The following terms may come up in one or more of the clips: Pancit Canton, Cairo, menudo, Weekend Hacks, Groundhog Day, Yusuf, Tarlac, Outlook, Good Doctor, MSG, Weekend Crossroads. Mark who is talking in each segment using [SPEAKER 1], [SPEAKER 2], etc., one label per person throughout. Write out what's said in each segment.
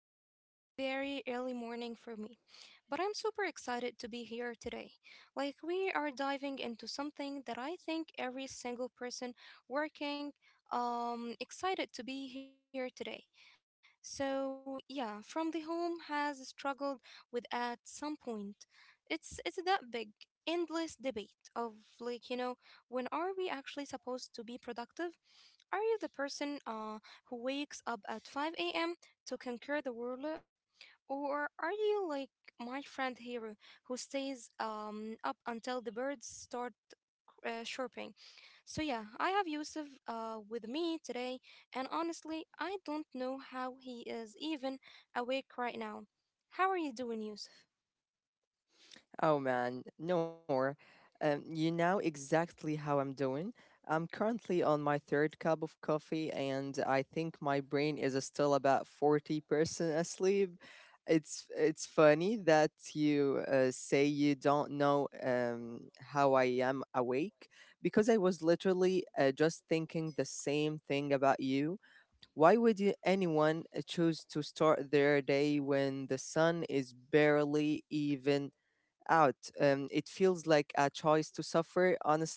[SPEAKER 1] It's a very, very early morning for me, but I'm super excited to be here today. We are diving into something that I think every single person working excited to be here today. So, yeah, from the home has struggled with at some point. It's that big endless debate of like, you know, when are we actually supposed to be productive? Are you the person who wakes up at 5 a.m. to conquer the world? Or are you like my friend here who stays up until the birds start chirping? So, yeah, I have Yusuf with me today, and honestly, I don't know how he is even awake right now. How are you doing, Yusuf?
[SPEAKER 2] Oh man, Noor, you know exactly how I'm doing. I'm currently on my third cup of coffee, and I think my brain is still about 40% asleep. It's funny that you say you don't know how I am awake because I was literally just thinking the same thing about you. Anyone choose to start their day when the sun is barely even out? It feels like a choice to suffer, honestly.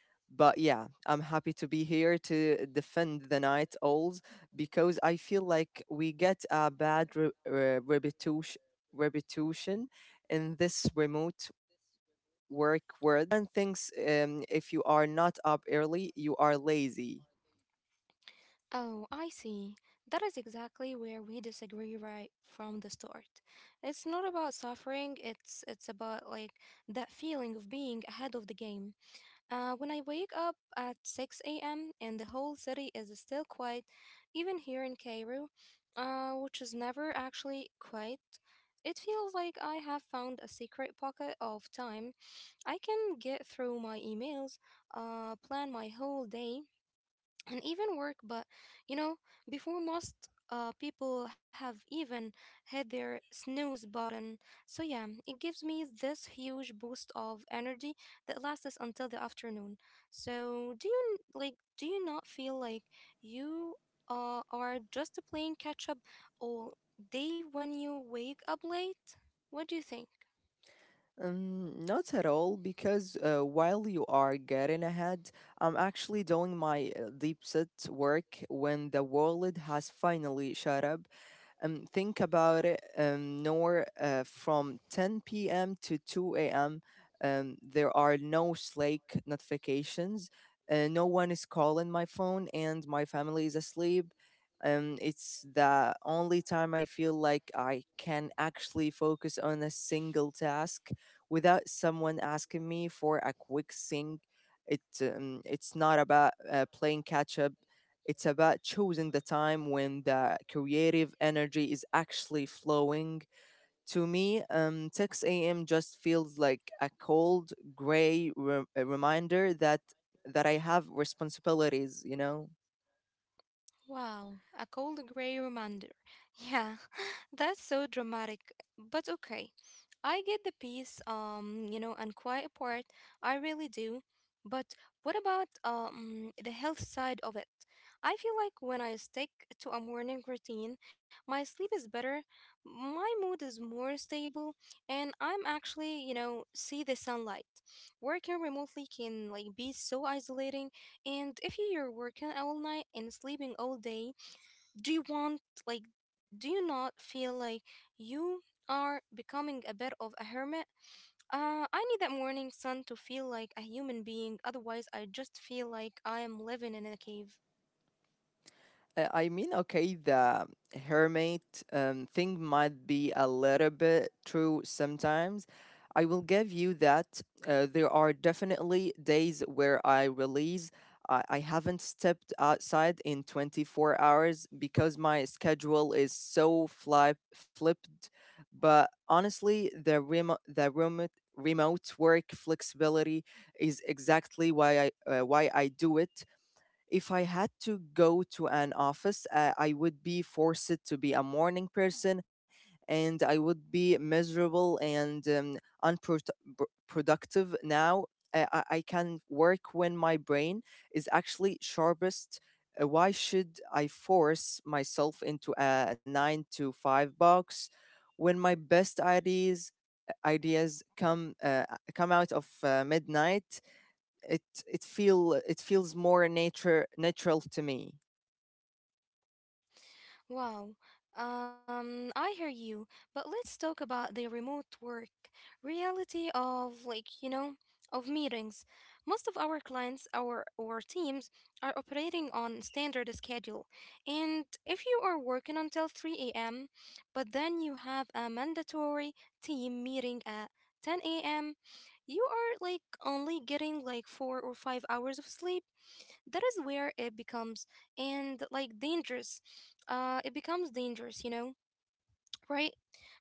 [SPEAKER 2] But yeah, I'm happy to be here to defend the night owls because I feel like we get a bad reputation in this remote work world. And thinks if you are not up early, you are lazy.
[SPEAKER 1] Oh, I see. That is exactly where we disagree right from the start. It's not about suffering, it's about that feeling of being ahead of the game. When I wake up at 6 a.m. and the whole city is still quiet, even here in Cairo, which is never actually quiet, it feels like I have found a secret pocket of time. I can get through my emails, plan my whole day, and even work, but you know before most people have even hit their snooze button. So yeah, it gives me this huge boost of energy that lasts until the afternoon. So like, do you not feel like you are just playing catch up all day when you wake up late? What do you think?
[SPEAKER 2] Not at all, because while you are getting ahead, I'm actually doing my deep set work when the world has finally shut up. Think about it. Nor, from 10 p.m. to 2 a.m., there are no Slack notifications. No one is calling my phone, and my family is asleep. It's the only time I feel like I can actually focus on a single task without someone asking me for a quick sing. It's not about playing catch up. It's about choosing the time when the creative energy is actually flowing. To me, 6 a.m. just feels like a cold, gray a reminder that I have responsibilities, you know.
[SPEAKER 1] Wow, a cold grey reminder. Yeah, that's so dramatic, but okay. I get the peace, and quiet part. I really do. But what about the health side of it? I feel like when I stick to a morning routine, my sleep is better, my mood is more stable, and I'm actually, see the sunlight. Working remotely can be so isolating, and if you're working all night and sleeping all day, do you want, like, do you not feel like you are becoming a bit of a hermit? I need that morning sun to feel like a human being, otherwise, I just feel like I am living in a cave.
[SPEAKER 2] I mean, okay, the hermit thing might be a little bit true sometimes. I will give you that. There are definitely days where I release. I haven't stepped outside in 24 hours because my schedule is so flipped. But honestly, the remote work flexibility is exactly why I do it. If I had to go to an office, I would be forced to be a morning person, and I would be miserable and unproductive now. I can work when my brain is actually sharpest. Why should I force myself into a nine to five box when my best ideas come come out of midnight. It feels more nature natural to me.
[SPEAKER 1] Wow. I hear you, but let's talk about the remote work reality of, of meetings. Most of our clients, our or teams are operating on standard schedule. And if you are working until 3 a.m., but then you have a mandatory team meeting at 10 a.m., you are only getting 4 or 5 hours of sleep. That is where it becomes and like dangerous it becomes dangerous, you know? Right.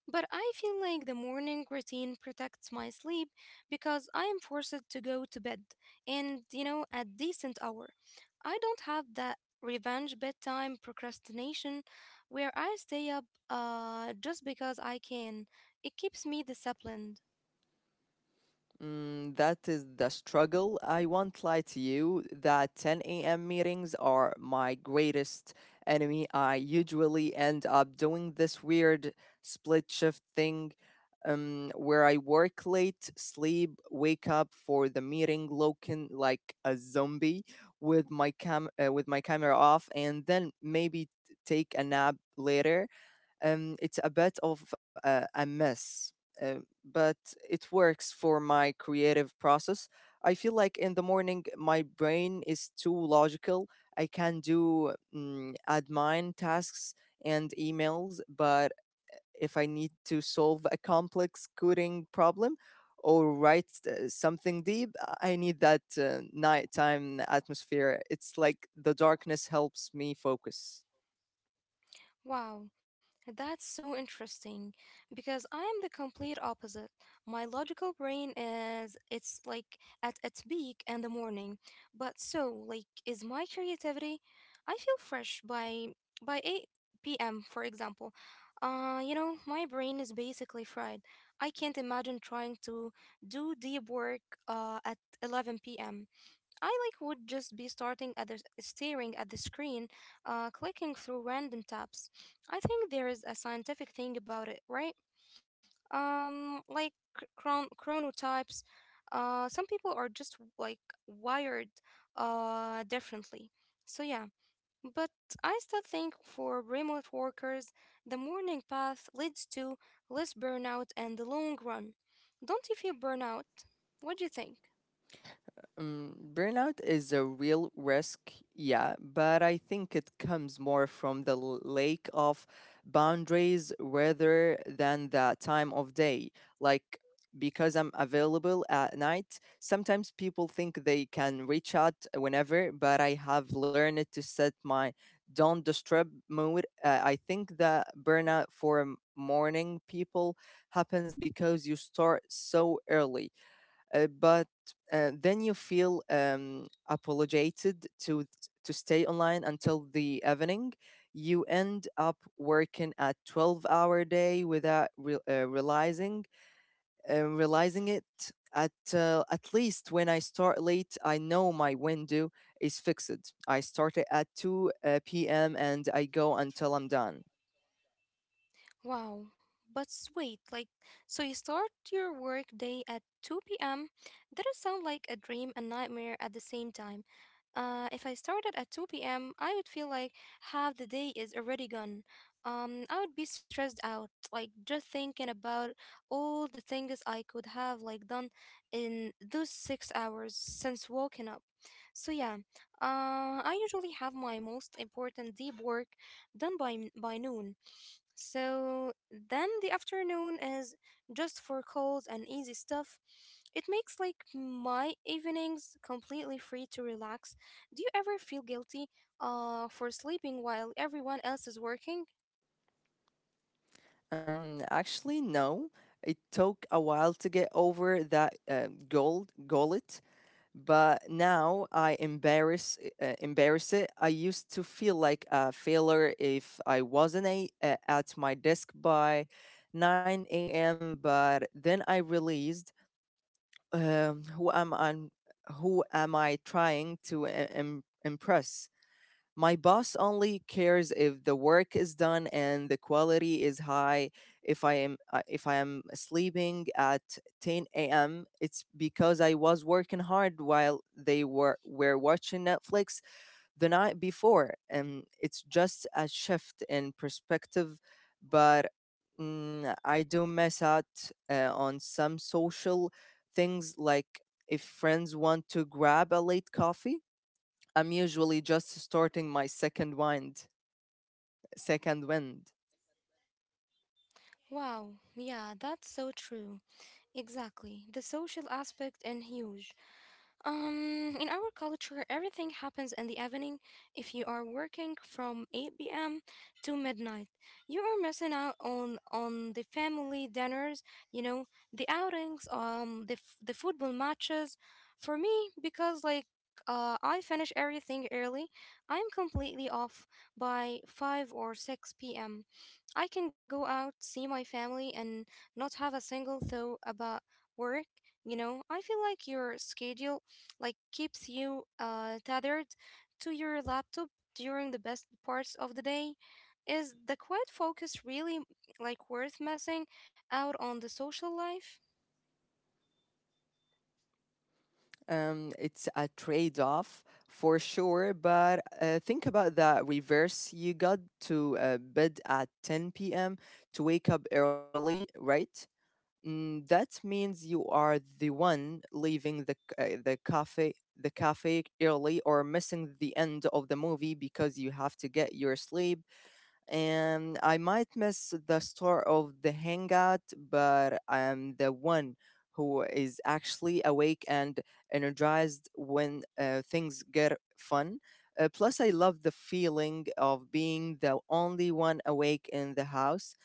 [SPEAKER 1] But I feel like the morning routine protects my sleep because I am forced to go to bed, and at decent hour. I don't have that revenge bedtime procrastination where I stay up just because I can. It keeps me disciplined.
[SPEAKER 2] Mm, that is the struggle. I won't lie to you that 10 a.m. meetings are my greatest enemy. I usually end up doing this weird split shift thing, where I work late, sleep, wake up for the meeting looking like a zombie with my camera off, and then maybe take a nap later. It's a bit of a mess, but it works for my creative process. I feel like in the morning, my brain is too logical. I can do mm, admin tasks and emails, but if I need to solve a complex coding problem, or write something deep, I need that nighttime atmosphere. It's like the darkness helps me focus.
[SPEAKER 1] Wow, that's so interesting because I am the complete opposite. My logical brain is it's like at its peak in the morning. But so is my creativity. I feel fresh by 8 p.m. for example. You know, my brain is basically fried. I can't imagine trying to do deep work at 11 p.m. I would just be starting at the s- staring at the screen, clicking through random tabs. I think there is a scientific thing about it, right? Like, chronotypes. Some people are just wired differently. So yeah, but I still think for remote workers, the morning path leads to less burnout and the long run. Don't you feel burnout? What do you think?
[SPEAKER 2] Mm, burnout is a real risk, yeah, but I think it comes more from the lack of boundaries rather than the time of day. Like, because I'm available at night, sometimes people think they can reach out whenever, but I have learned to set my don't disturb mode. I think the burnout for morning people happens because you start so early, but then you feel apologeted to stay online until the evening. You end up working a 12-hour day without realizing it. At least when I start late, I know my window is fixed. I start it at two p.m. and I go until I'm done.
[SPEAKER 1] Wow. But s- wait, like, So you start your work day at 2 p.m. That does sound like a dream and nightmare at the same time. If I started at 2 p.m., I would feel like half the day is already gone. I would be stressed out, like just thinking about all the things I could have done in those 6 hours since waking up. So yeah, I usually have my most important deep work done by noon. So then the afternoon is just for calls and easy stuff. It makes my evenings completely free to relax. Do you ever feel guilty for sleeping while everyone else is working?
[SPEAKER 2] Actually, no. It took a while to get over that, goal it, but now I embarrass it. I used to feel like a failure if I wasn't at my desk by 9 a.m. But then I realized, um, who am I, who am I trying to impress? My boss only cares if the work is done and the quality is high. If I am sleeping at 10 a.m., it's because I was working hard while they were watching Netflix the night before. And it's just a shift in perspective, but mm, I do miss out on some social things, like if friends want to grab a late coffee, I'm usually just starting my second wind.
[SPEAKER 1] Wow, yeah, that's so true. Exactly. The social aspect and huge. In our culture, everything happens in the evening. If you are working from 8 p.m. to midnight, you are missing out on the family dinners, you know, the outings, the football matches. For me, because I finish everything early, I'm completely off by 5 or 6 p.m. I can go out, see my family, and not have a single thought about work. You know, I feel like your schedule keeps you tethered to your laptop during the best parts of the day? Is the quiet focus really worth messing out on the social life?
[SPEAKER 2] It's a trade off for sure, but think about that reverse. You got to bed at 10 p.m. to wake up early, right? Mm, that means you are the one leaving the the cafe early or missing the end of the movie because you have to get your sleep, and I might miss the start of the hangout, but I am the one who is actually awake and energized when things get fun. Plus, I love the feeling of being the only one awake in the house.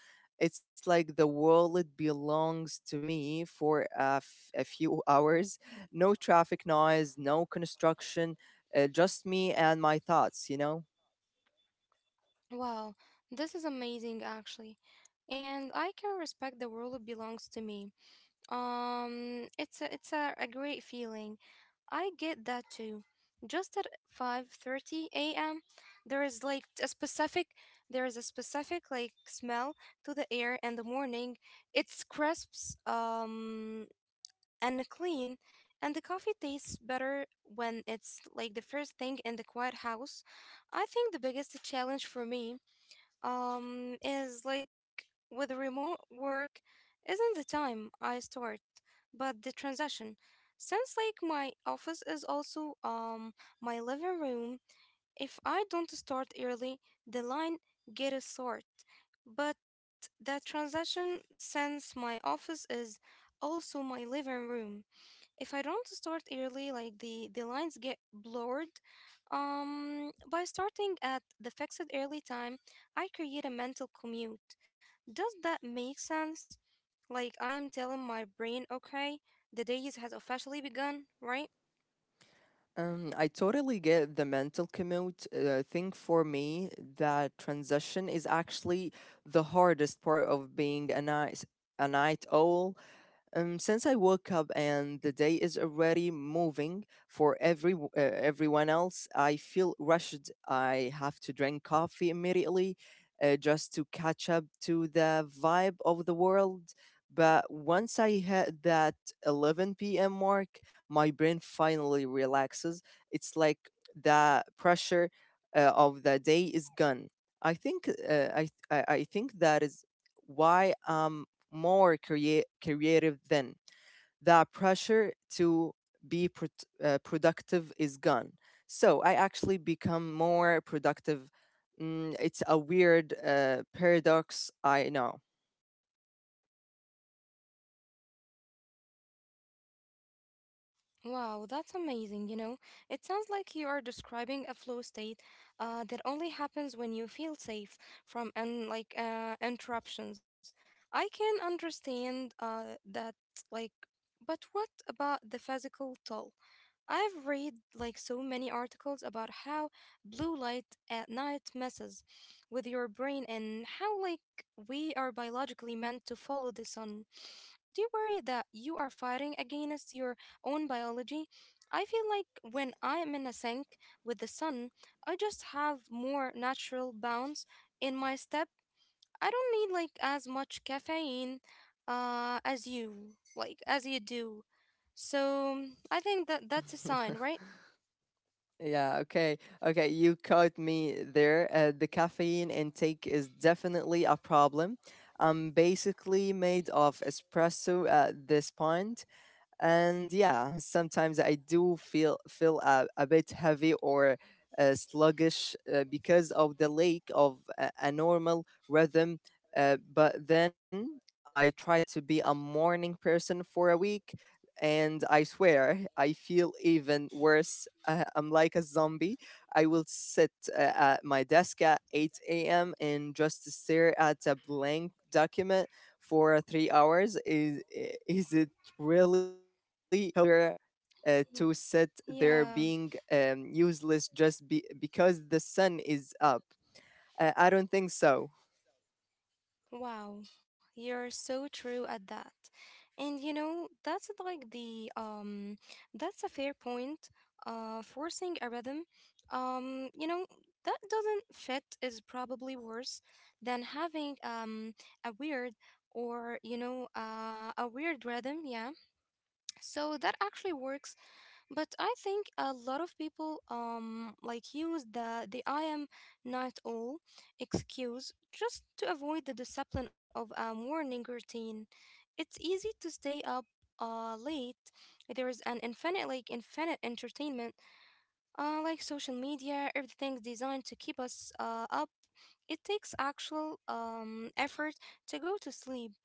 [SPEAKER 2] It's like the world belongs to me for a few hours. No traffic noise, no construction, just me and my thoughts, you know?
[SPEAKER 1] Wow, this is amazing actually. And I can respect the world belongs to me. It's a great feeling. I get that too. Just at 5:30 a.m., there is like a specific there is a specific smell to the air in the morning. It's crisps and clean, and the coffee tastes better when it's the first thing in the quiet house. I think the biggest challenge for me is with remote work isn't the time I start, but the transaction. Since like my office is also my living room, if I don't start early, the line gets short. But that transaction, since my office is also my living room, if I don't start early, the lines get blurred. By starting at the fixed early time, I create a mental commute. Does that make sense? Like I am telling my brain, okay, the days has officially begun, right?
[SPEAKER 2] I totally get the mental commute thing. For me, that transition is actually the hardest part of being a night owl. Since I woke up and the day is already moving for everyone else, I feel rushed. I have to drink coffee immediately, just to catch up to the vibe of the world. But once I hit that 11 p.m. mark, my brain finally relaxes. It's like the pressure of the day is gone. I think that is why I'm more creative then. That pressure to be prot productive is gone. So I actually become more productive. Mm, it's a weird paradox, I know.
[SPEAKER 1] Wow, that's amazing. You know, it sounds like you are describing a flow state that only happens when you feel safe from and interruptions. I can understand that, like, but what about the physical toll? I've read so many articles about how blue light at night messes with your brain and how we are biologically meant to follow the sun. Do you worry that you are fighting against your own biology? I feel like when I am in a sink with the sun, I just have more natural bounce in my step. I don't need as much caffeine as you do. So I think that that's a sign, right?
[SPEAKER 2] Yeah, okay. Okay, you caught me there. The caffeine intake is definitely a problem. I'm basically made of espresso at this point. And yeah, sometimes I do feel a bit heavy or sluggish because of the lack of a normal rhythm. But then I try to be a morning person for a week, and I swear I feel even worse. I'm like a zombie. I will sit at my desk at 8 a.m. and just stare at a blank document for 3 hours. Is it really there
[SPEAKER 1] Mm.
[SPEAKER 2] to sit there
[SPEAKER 1] Yeah.
[SPEAKER 2] being useless just because the sun is up? I don't think so.
[SPEAKER 1] Wow, you're so true at that. And you know, that's like the that's a fair point. Uh, forcing a rhythm, um, you know, that doesn't fit is probably worse than having a weird, or a weird rhythm, yeah. So that actually works, but I think a lot of people use the "I am not all" excuse just to avoid the discipline of a morning routine. It's easy to stay up late. There is an infinite like infinite entertainment, like social media. Everything's designed to keep us up. It takes actual effort to go to sleep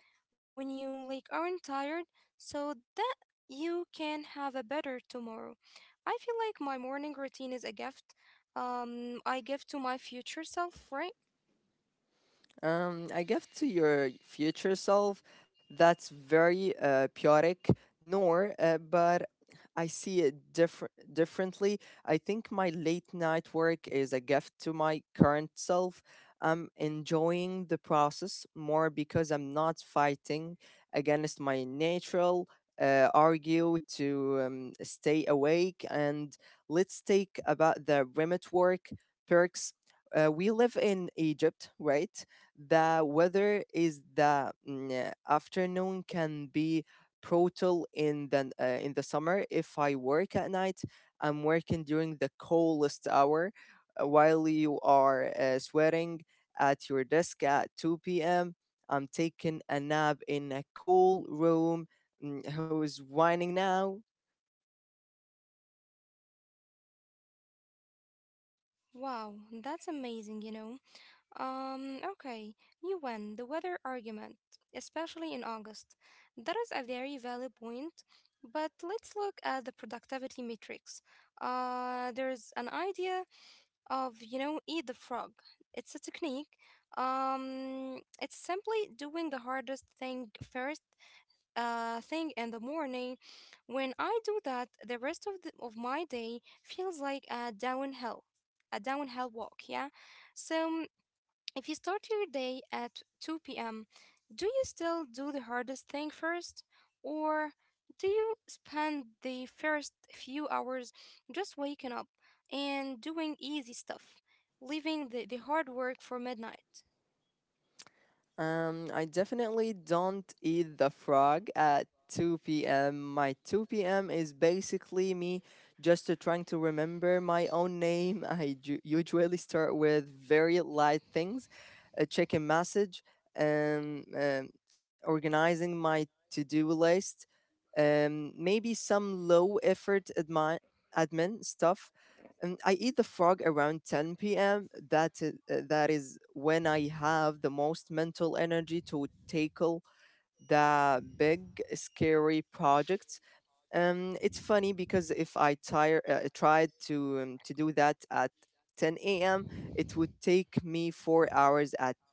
[SPEAKER 1] when you aren't tired, so that you can have a better tomorrow. I feel like my morning routine is a gift. I give to my future self, right?
[SPEAKER 2] I guess to your future self, that's very chaotic, nor, but I see it differently. I think my late night work is a gift to my current self. I'm enjoying the process more because I'm not fighting against my natural argue to stay awake. And let's take about the remote work perks. We live in Egypt, right? The weather is afternoon can be brutal in the summer. If I work at night, I'm working during the coldest hour, while you are sweating at your desk at 2 p.m. I'm taking a nap in a cool room. Mm, who's whining now?
[SPEAKER 1] Wow, that's amazing, you know. Okay, you win the weather argument, especially in August. That is a very valid point, but let's look at the productivity matrix. There's an idea of, you know, eat the frog. It's a technique. It's simply doing the hardest thing first, thing in the morning. When I do that, the rest of of my day feels like a downhill walk, yeah? So if you start your day at 2 p.m., do you still do the hardest thing first? Or do you spend the first few hours just waking up and doing easy stuff, leaving the hard work for midnight?
[SPEAKER 2] I definitely don't eat the frog at 2 p.m. My 2 p.m. is basically me just trying to remember my own name. Usually start with very light things, checking message, um, um, organizing my to-do list, maybe some low effort admin stuff. I eat the frog around 10 p.m. That is when I have the most mental energy to tackle the big scary projects. It's funny because if I tire tried to do that at 10 a.m., it would take me 4 hours. At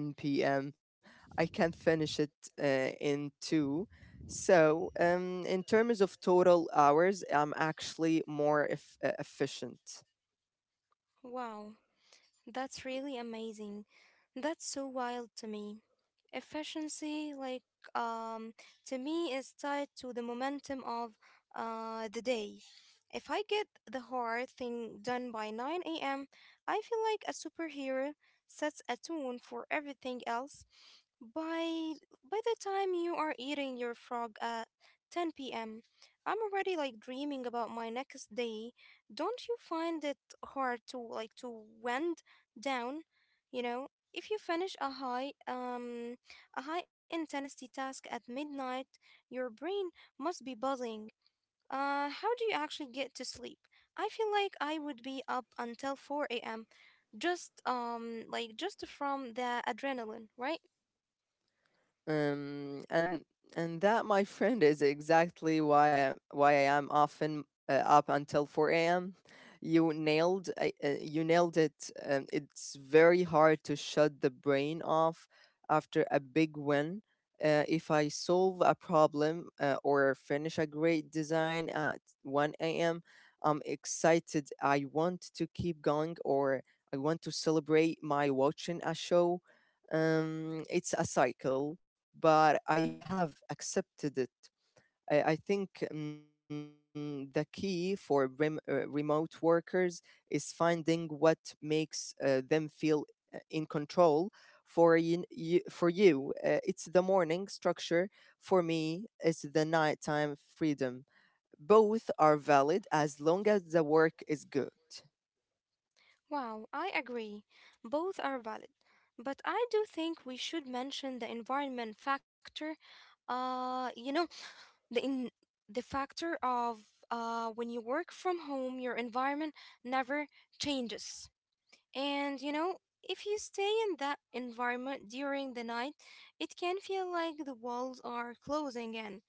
[SPEAKER 2] 10 p.m., I can finish it, uh, in two. So, in terms of total hours, I'm actually more efficient.
[SPEAKER 1] Wow, that's really amazing. That's so wild to me. Efficiency, um, to me, is tied to the momentum of the day. If I get the hard thing done by 9 a.m., I feel like a superhero sets a tone for everything else. By by the time you are eating your frog at 10 p.m., I'm already dreaming about my next day. Don't you find it hard to to wind down? You know, if you finish a high intensity task at midnight, your brain must be buzzing. How do you actually get to sleep? I feel like I would be up until 4 a.m. just from the adrenaline, right?
[SPEAKER 2] Um, and and that, my friend, is exactly why I am often up until 4 a.m. You nailed it. It's very hard to shut the brain off after a big win. If I solve a problem or finish a great design at 1 a.m., I'm excited. I want to keep going, or I want to celebrate my watching a show. It's a cycle, but I have accepted it. I think The key for remote workers is finding what makes them feel in control. For you, it's the morning structure. For me, it's the nighttime freedom. Both are valid as long as the work is good.
[SPEAKER 1] Wow, I agree. Both are valid. But I do think we should mention the environment factor. Uh, you know, the in the factor of when you work from home, your environment never changes. And if you stay in that environment during the night, it can feel like the walls are closing in.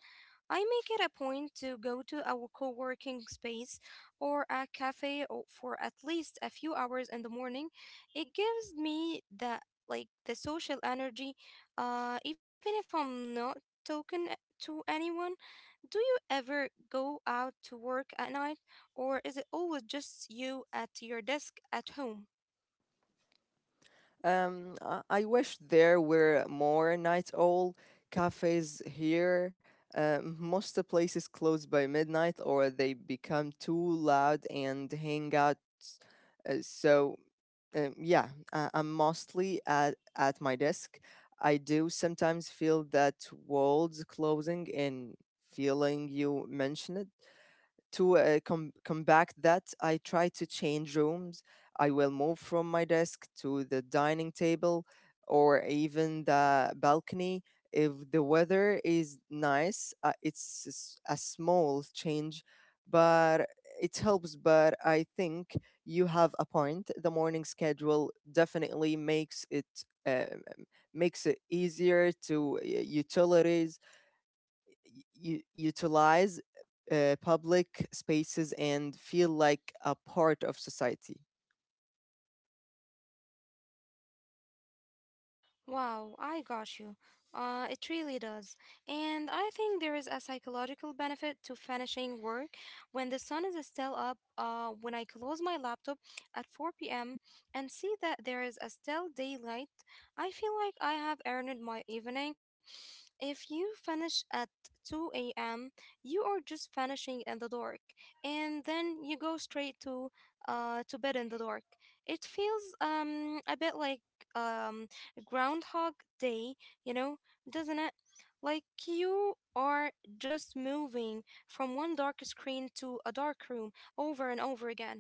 [SPEAKER 1] I make it a point to go to a co working space or a cafe for at least a few hours in the morning. It gives me the social energy, even if I'm not talking a- to anyone. Do you ever go out to work at night, or is it always just you at your desk at home?
[SPEAKER 2] I wish there were more night owl cafes here. Most of places close by midnight or they become too loud and hang out. Uh, so, I'm mostly at my desk. I do sometimes feel that world's closing in feeling you mentioned to combat that, I try to change rooms. I will move from my desk to the dining table or even the balcony. If the weather is nice, it's a small change, but it helps. But I think you have a point. The morning schedule definitely makes it uh, makes it easier to utilize public spaces and feel like a part of society.
[SPEAKER 1] Wow, I got you. It really does. And I think there is a psychological benefit to finishing work when the sun is still up. When I close my laptop at 4 p.m. and see that there is a still daylight, I feel like I have earned my evening if you finish at 2 a.m., you are just finishing in the dark, and then you go straight to to bed in the dark. It feels a bit like um Groundhog Day, you know, doesn't it? Like you are just moving from one dark screen to a dark room over and over again.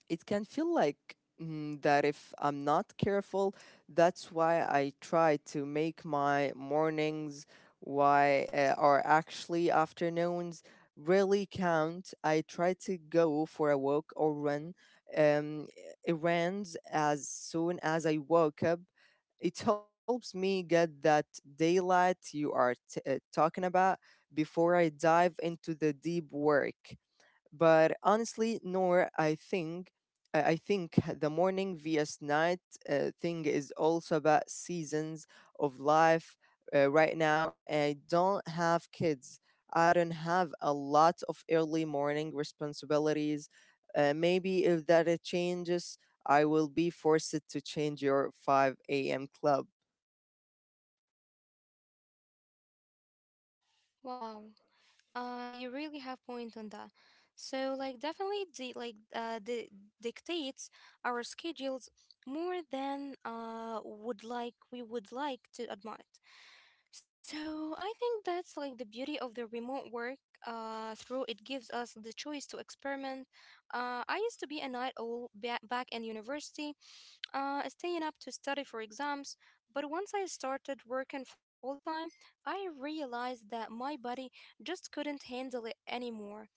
[SPEAKER 2] It can feel like that if I'm not careful, that's why I try to make my mornings why or actually afternoons really count. I try to go for a walk or run um runs as soon as I woke up. It helps me get that daylight you are talking about before I dive into the deep work. But honestly, Nor, I think the morning vs night thing is also about seasons of life. Right now, I don't have kids. I don't have a lot of early morning responsibilities. Maybe if that changes, I will be forced to change your 5 a.m. club.
[SPEAKER 1] Wow. You really have point on that. So definitely the dictates our schedules more than would like we would like to admit. So I think that's the beauty of the remote work through it gives us the choice to experiment. I used to be a night owl back in university staying up to study for exams. But once I started working full time, I realized that my body just couldn't handle it anymore.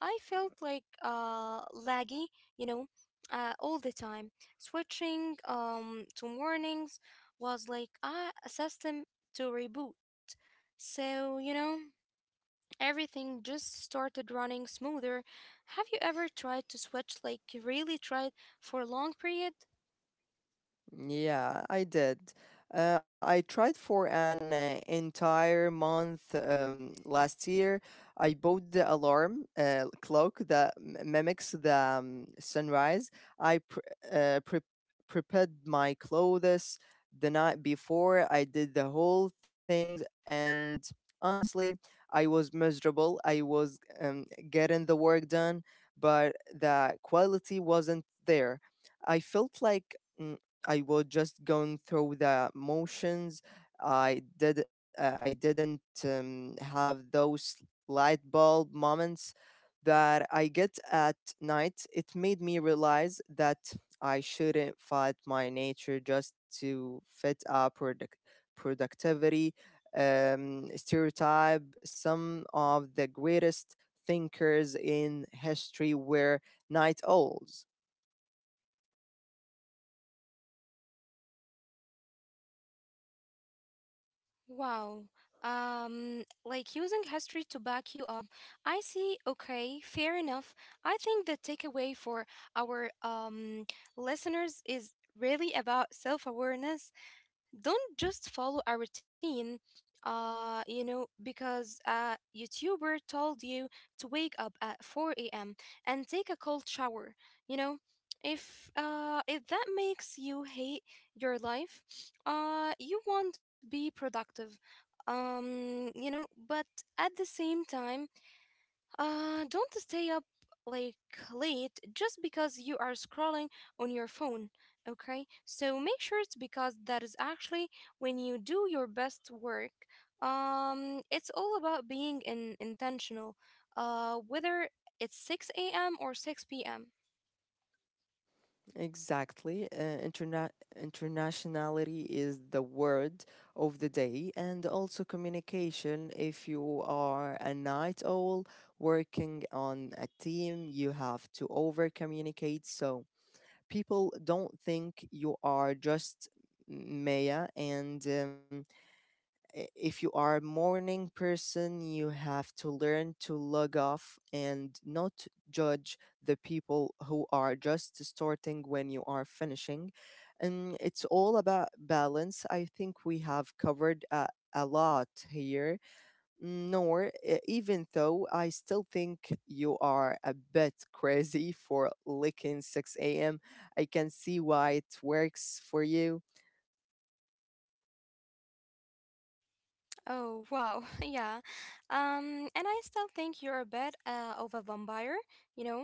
[SPEAKER 1] I felt like laggy, you know, all the time. Switching to mornings was like a system to reboot. So, everything just started running smoother. Have you ever tried to switch, like, really tried for a long period?
[SPEAKER 2] Yeah, I did. I tried for an entire month last year. I bought the alarm clock that mimics the sunrise. I pr pre prepared my clothes the night before. I did the whole thing, and honestly, I was miserable. I was getting the work done, but the quality wasn't there. I felt like. mm, I was just going through the motions. I did. I didn't have those light bulb moments that I get at night. It made me realize that I shouldn't fight my nature just to fit a productivity stereotype. Some of the greatest thinkers in history were night owls.
[SPEAKER 1] Wow. Using history to back you up. I see. Okay, fair enough. I think the takeaway for our listeners is really about self-awareness. Don't just follow a routine because a youtuber told you to wake up at 4 a.m. and take a cold shower. You know if uh if that makes you hate your life, you won't be productive. But at the same time, don't stay up like late just because you are scrolling on your phone. Okay, so make sure it's because that is actually when you do your best work. It's all about being intentional. Whether it's 6 a.m. or 6 p.m.
[SPEAKER 2] Exactly. Interna- Internationality is the word of the day, and also communication. If you are a night owl working on a team, you have to over communicate so people don't think you are just Maya and if you are a morning person, you have to learn to log off and not judge the people who are just starting when you are finishing. And it's all about balance. I think we have covered a lot here. Nor, even though I still think you are a bit crazy for licking 6 a.m., I can see why it works for you.
[SPEAKER 1] Oh wow, yeah. And I still think you're a bit of a vampire, you know.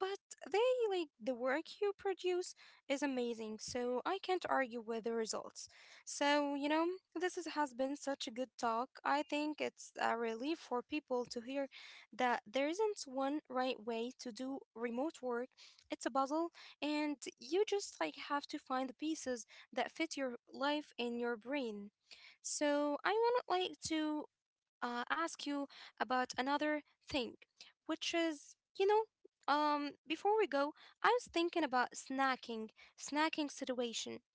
[SPEAKER 1] But they like the work you produce is amazing, so I can't argue with the results. So, this is, has been such a good talk. I think it's a relief for people to hear that there isn't one right way to do remote work. It's a puzzle, and you just have to find the pieces that fit your life and your brain. So, I want to ask you about another thing, which is, before we go, I was thinking about snacking situation.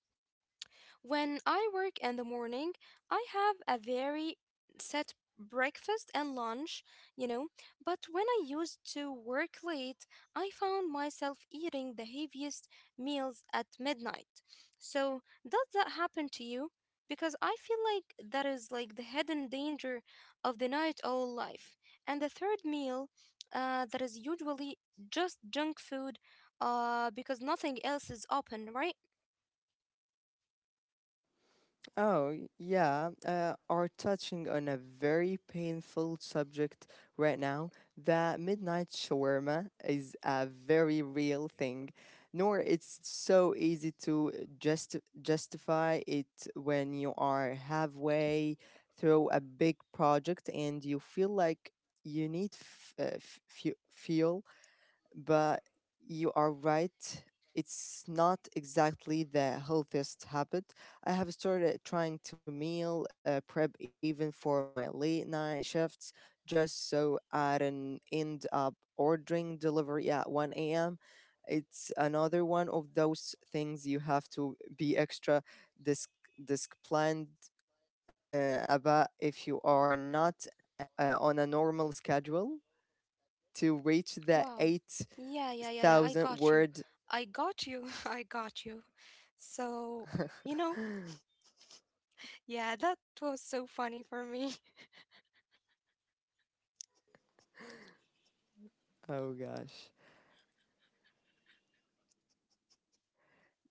[SPEAKER 1] When I work in the morning, I have a very set breakfast and lunch, you know. But when I used to work late, I found myself eating the heaviest meals at midnight. So, does that happen to you? Because I feel like that is the hidden danger of the night owl life. And the third meal, that is usually just junk food, because nothing else is open, right?
[SPEAKER 2] Oh, yeah, are touching on a very painful subject right now. The midnight shawarma is a very real thing, nor it's so easy to just justify it when you are halfway through a big project and you feel like you need fuel but you are right. It's not exactly the healthiest habit. I have started trying to meal prep even for my late night shifts, just so I don't end up ordering delivery at 1 a.m. It's another one of those things you have to be extra disc- disciplined about if you are not on a normal schedule to reach the
[SPEAKER 1] Wow. Yeah, yeah, yeah, yeah.
[SPEAKER 2] 8,000
[SPEAKER 1] I got you.
[SPEAKER 2] word.
[SPEAKER 1] I got you. I got you. So, you know, yeah, that was so funny for me.
[SPEAKER 2] Oh gosh.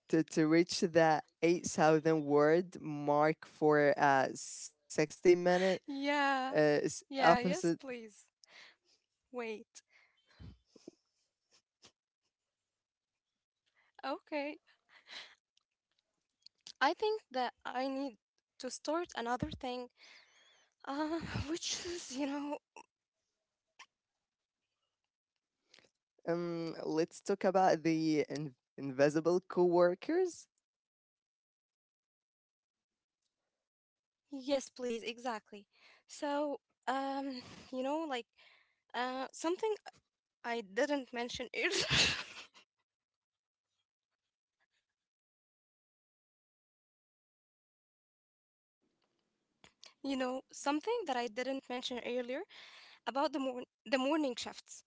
[SPEAKER 2] To reach the 8,000 word mark for 60 minute
[SPEAKER 1] Yeah.
[SPEAKER 2] is
[SPEAKER 1] Yeah, yes,
[SPEAKER 2] opposite.
[SPEAKER 1] please. Wait. Okay. I think that I need to start another thing, uh, which is,
[SPEAKER 2] Let's talk about the invisible coworkers.
[SPEAKER 1] yes, please, exactly. So, um, you know, like, something I didn't mention earlier, something that I didn't mention earlier about the morning shifts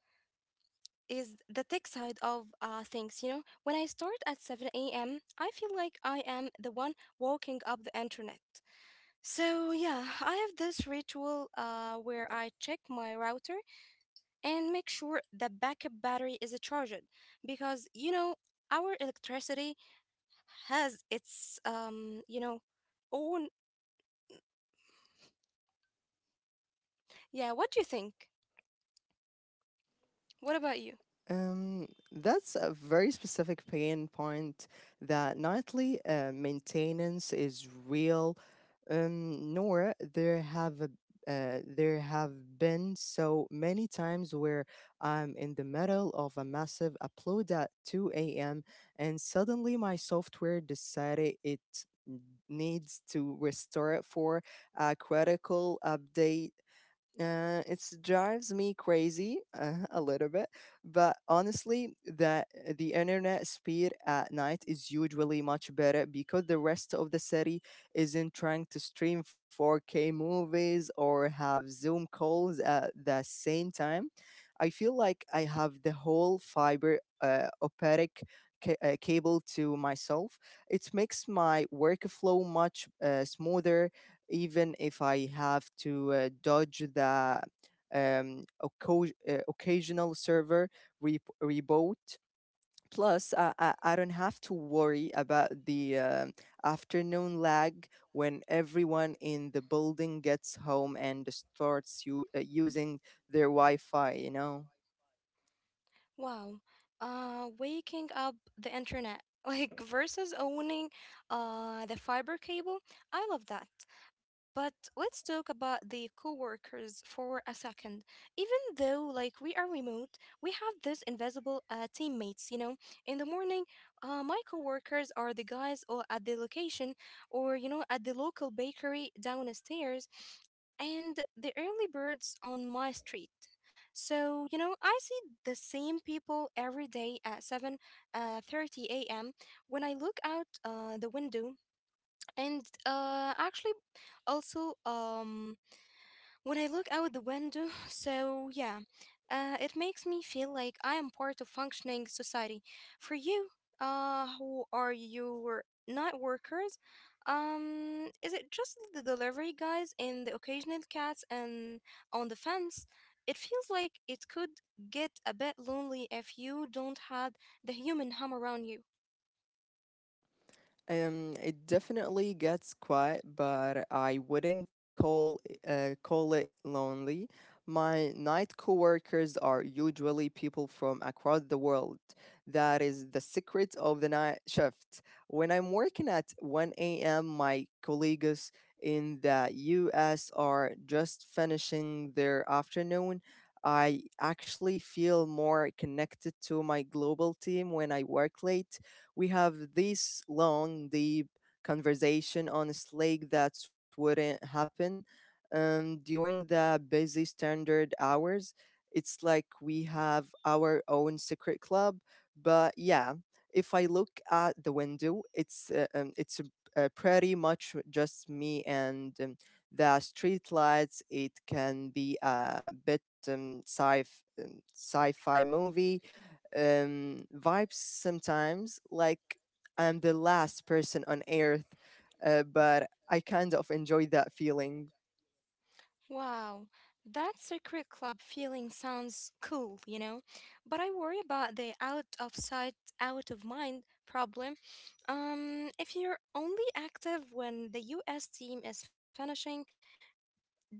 [SPEAKER 1] is the tech side of things. When I start at 7 a.m., I feel like I am the one walking up the internet. So yeah, I have this ritual where I check my router and make sure the backup battery is charged, because our electricity has its own. Yeah, what do you think? What about you?
[SPEAKER 2] Um, that's a very specific pain point that nightly maintenance is real, Nora, there have been so many times where I'm in the middle of a massive upload at 2 a.m. and suddenly my software decided it needs to restore it for a critical update. It drives me crazy a little bit, but honestly, that the internet speed at night is usually much better because the rest of the city isn't trying to stream 4K movies or have Zoom calls at the same time. I feel like I have the whole fiber optic cable to myself. It makes my workflow much smoother even if I have to dodge the occasional server reboot. Plus, I don't have to worry about the afternoon lag when everyone in the building gets home and starts using their Wi Fi, you know?
[SPEAKER 1] Wow. Waking up the internet like versus owning the fiber cable. I love that. But let's talk about the coworkers for a second. Even though we are remote, we have this invisible teammates. In the morning, my coworkers are the guys or at the location or at the local bakery downstairs and the early birds on my street. So, I see the same people every day at 7:30 a.m. when I look out the window. And actually, also, when I look out the window. So, yeah, it makes me feel like I am part of functioning society. For you, who are your night workers? Is it just the delivery guys and the occasional cats and on the fence? It feels like it could get a bit lonely if you don't have the human hum around you.
[SPEAKER 2] It definitely gets quiet, but I wouldn't call it lonely. My night coworkers are usually people from across the world. That is the secret of the night shift. When I'm working at 1 a.m., my colleagues in the US are just finishing their afternoon. I actually feel more connected to my global team when I work late. We have this long, deep conversation on Slack that wouldn't happen during the busy standard hours. It's like we have our own secret club. But yeah, if I look at the window, it's pretty much just me and the street lights. It can be a bit um, sci sci-fi movie vibes sometimes, like I'm the last person on earth, but I kind of enjoy that feeling.
[SPEAKER 1] Wow, that secret club feeling sounds cool, you know? But I worry about the out of sight, out of mind problem. If you're only active when the US team is finishing,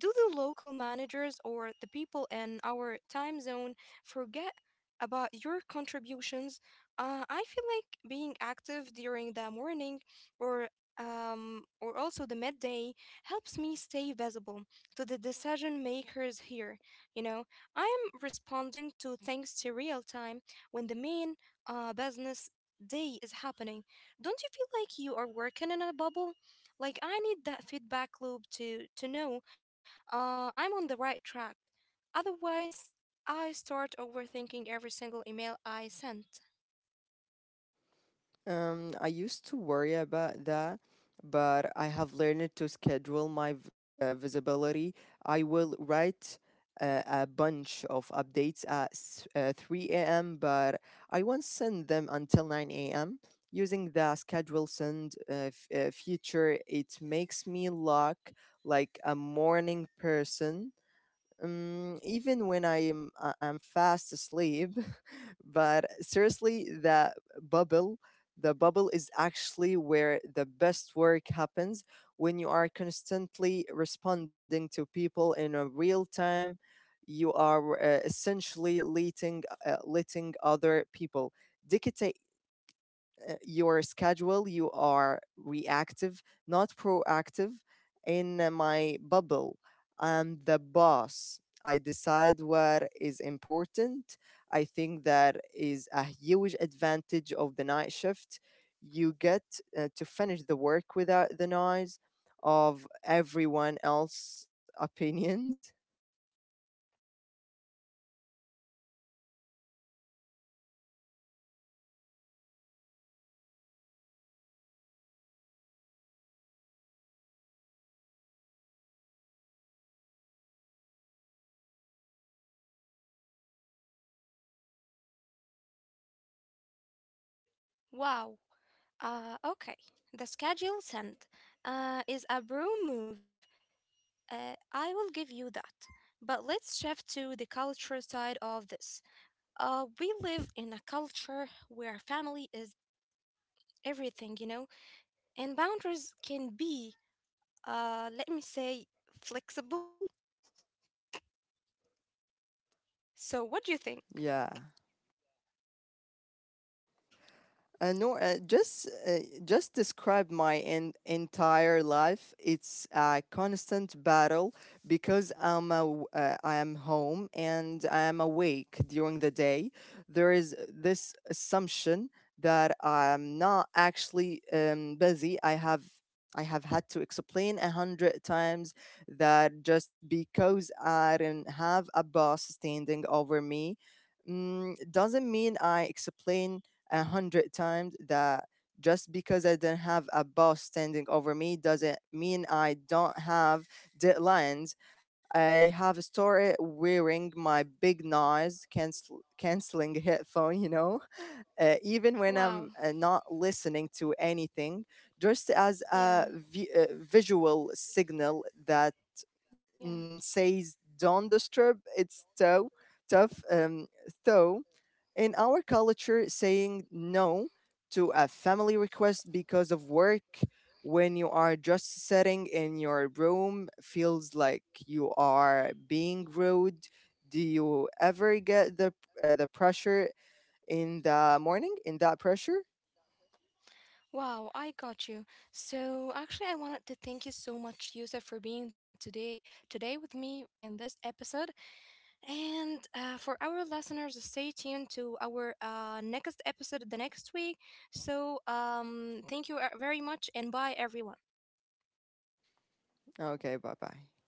[SPEAKER 1] do the local managers or the people in our time zone forget about your contributions? I feel like being active during the morning or or also the midday helps me stay visible to the decision makers here. You know, I'm responding to things to real time when the main business day is happening. Don't you feel like you are working in a bubble? I need that feedback loop to know I'm on the right track. Otherwise, I start overthinking every single email I sent.
[SPEAKER 2] I used to worry about that, but I have learned to schedule my visibility. I will write a bunch of updates at 3 a.m., but I won't send them until 9 a.m. Using the schedule send feature, it makes me look like a morning person, even when I'm fast asleep, but seriously, bubble, the bubble is actually where the best work happens. When you are constantly responding to people in a real time. You are essentially letting other people dictate your schedule, you are reactive, not proactive in my bubble. I'm the boss. I decide what is important. I think that is a huge advantage of the night shift. You get to finish the work without the noise of everyone else's opinions.
[SPEAKER 1] Wow. Okay. The schedule sent is a brew move. I will give you that. But let's shift to the culture side of this. We live in a culture where family is everything, and boundaries can be, let me say, flexible. So, what do you think?
[SPEAKER 2] Yeah. No, just Just describe my entire life. It's a constant battle because I am home and I am awake during the day. There is this assumption that I'm not actually busy. I have had to explain a hundred times that just because I don't have a boss standing over me mm, doesn't mean I explain a hundred times that just because I don't have a boss standing over me doesn't mean I don't have deadlines. I have started wearing my big noise canceling headphone, you know, even when I'm
[SPEAKER 1] Wow.
[SPEAKER 2] not listening to anything, just as a
[SPEAKER 1] Yeah.
[SPEAKER 2] visual signal that
[SPEAKER 1] Yeah.
[SPEAKER 2] says don't disturb. It's so tough, though in our culture, saying no to a family request because of work when you are just sitting in your room feels like you are being rude. Do you ever get the pressure in the morning? In that pressure?
[SPEAKER 1] Wow, I got you. So actually I wanted to thank you so much, Yusuf, for being today with me in this episode. And for our listeners, stay tuned to our next episode the next week. So thank you very much and bye everyone.
[SPEAKER 2] Okay, bye bye.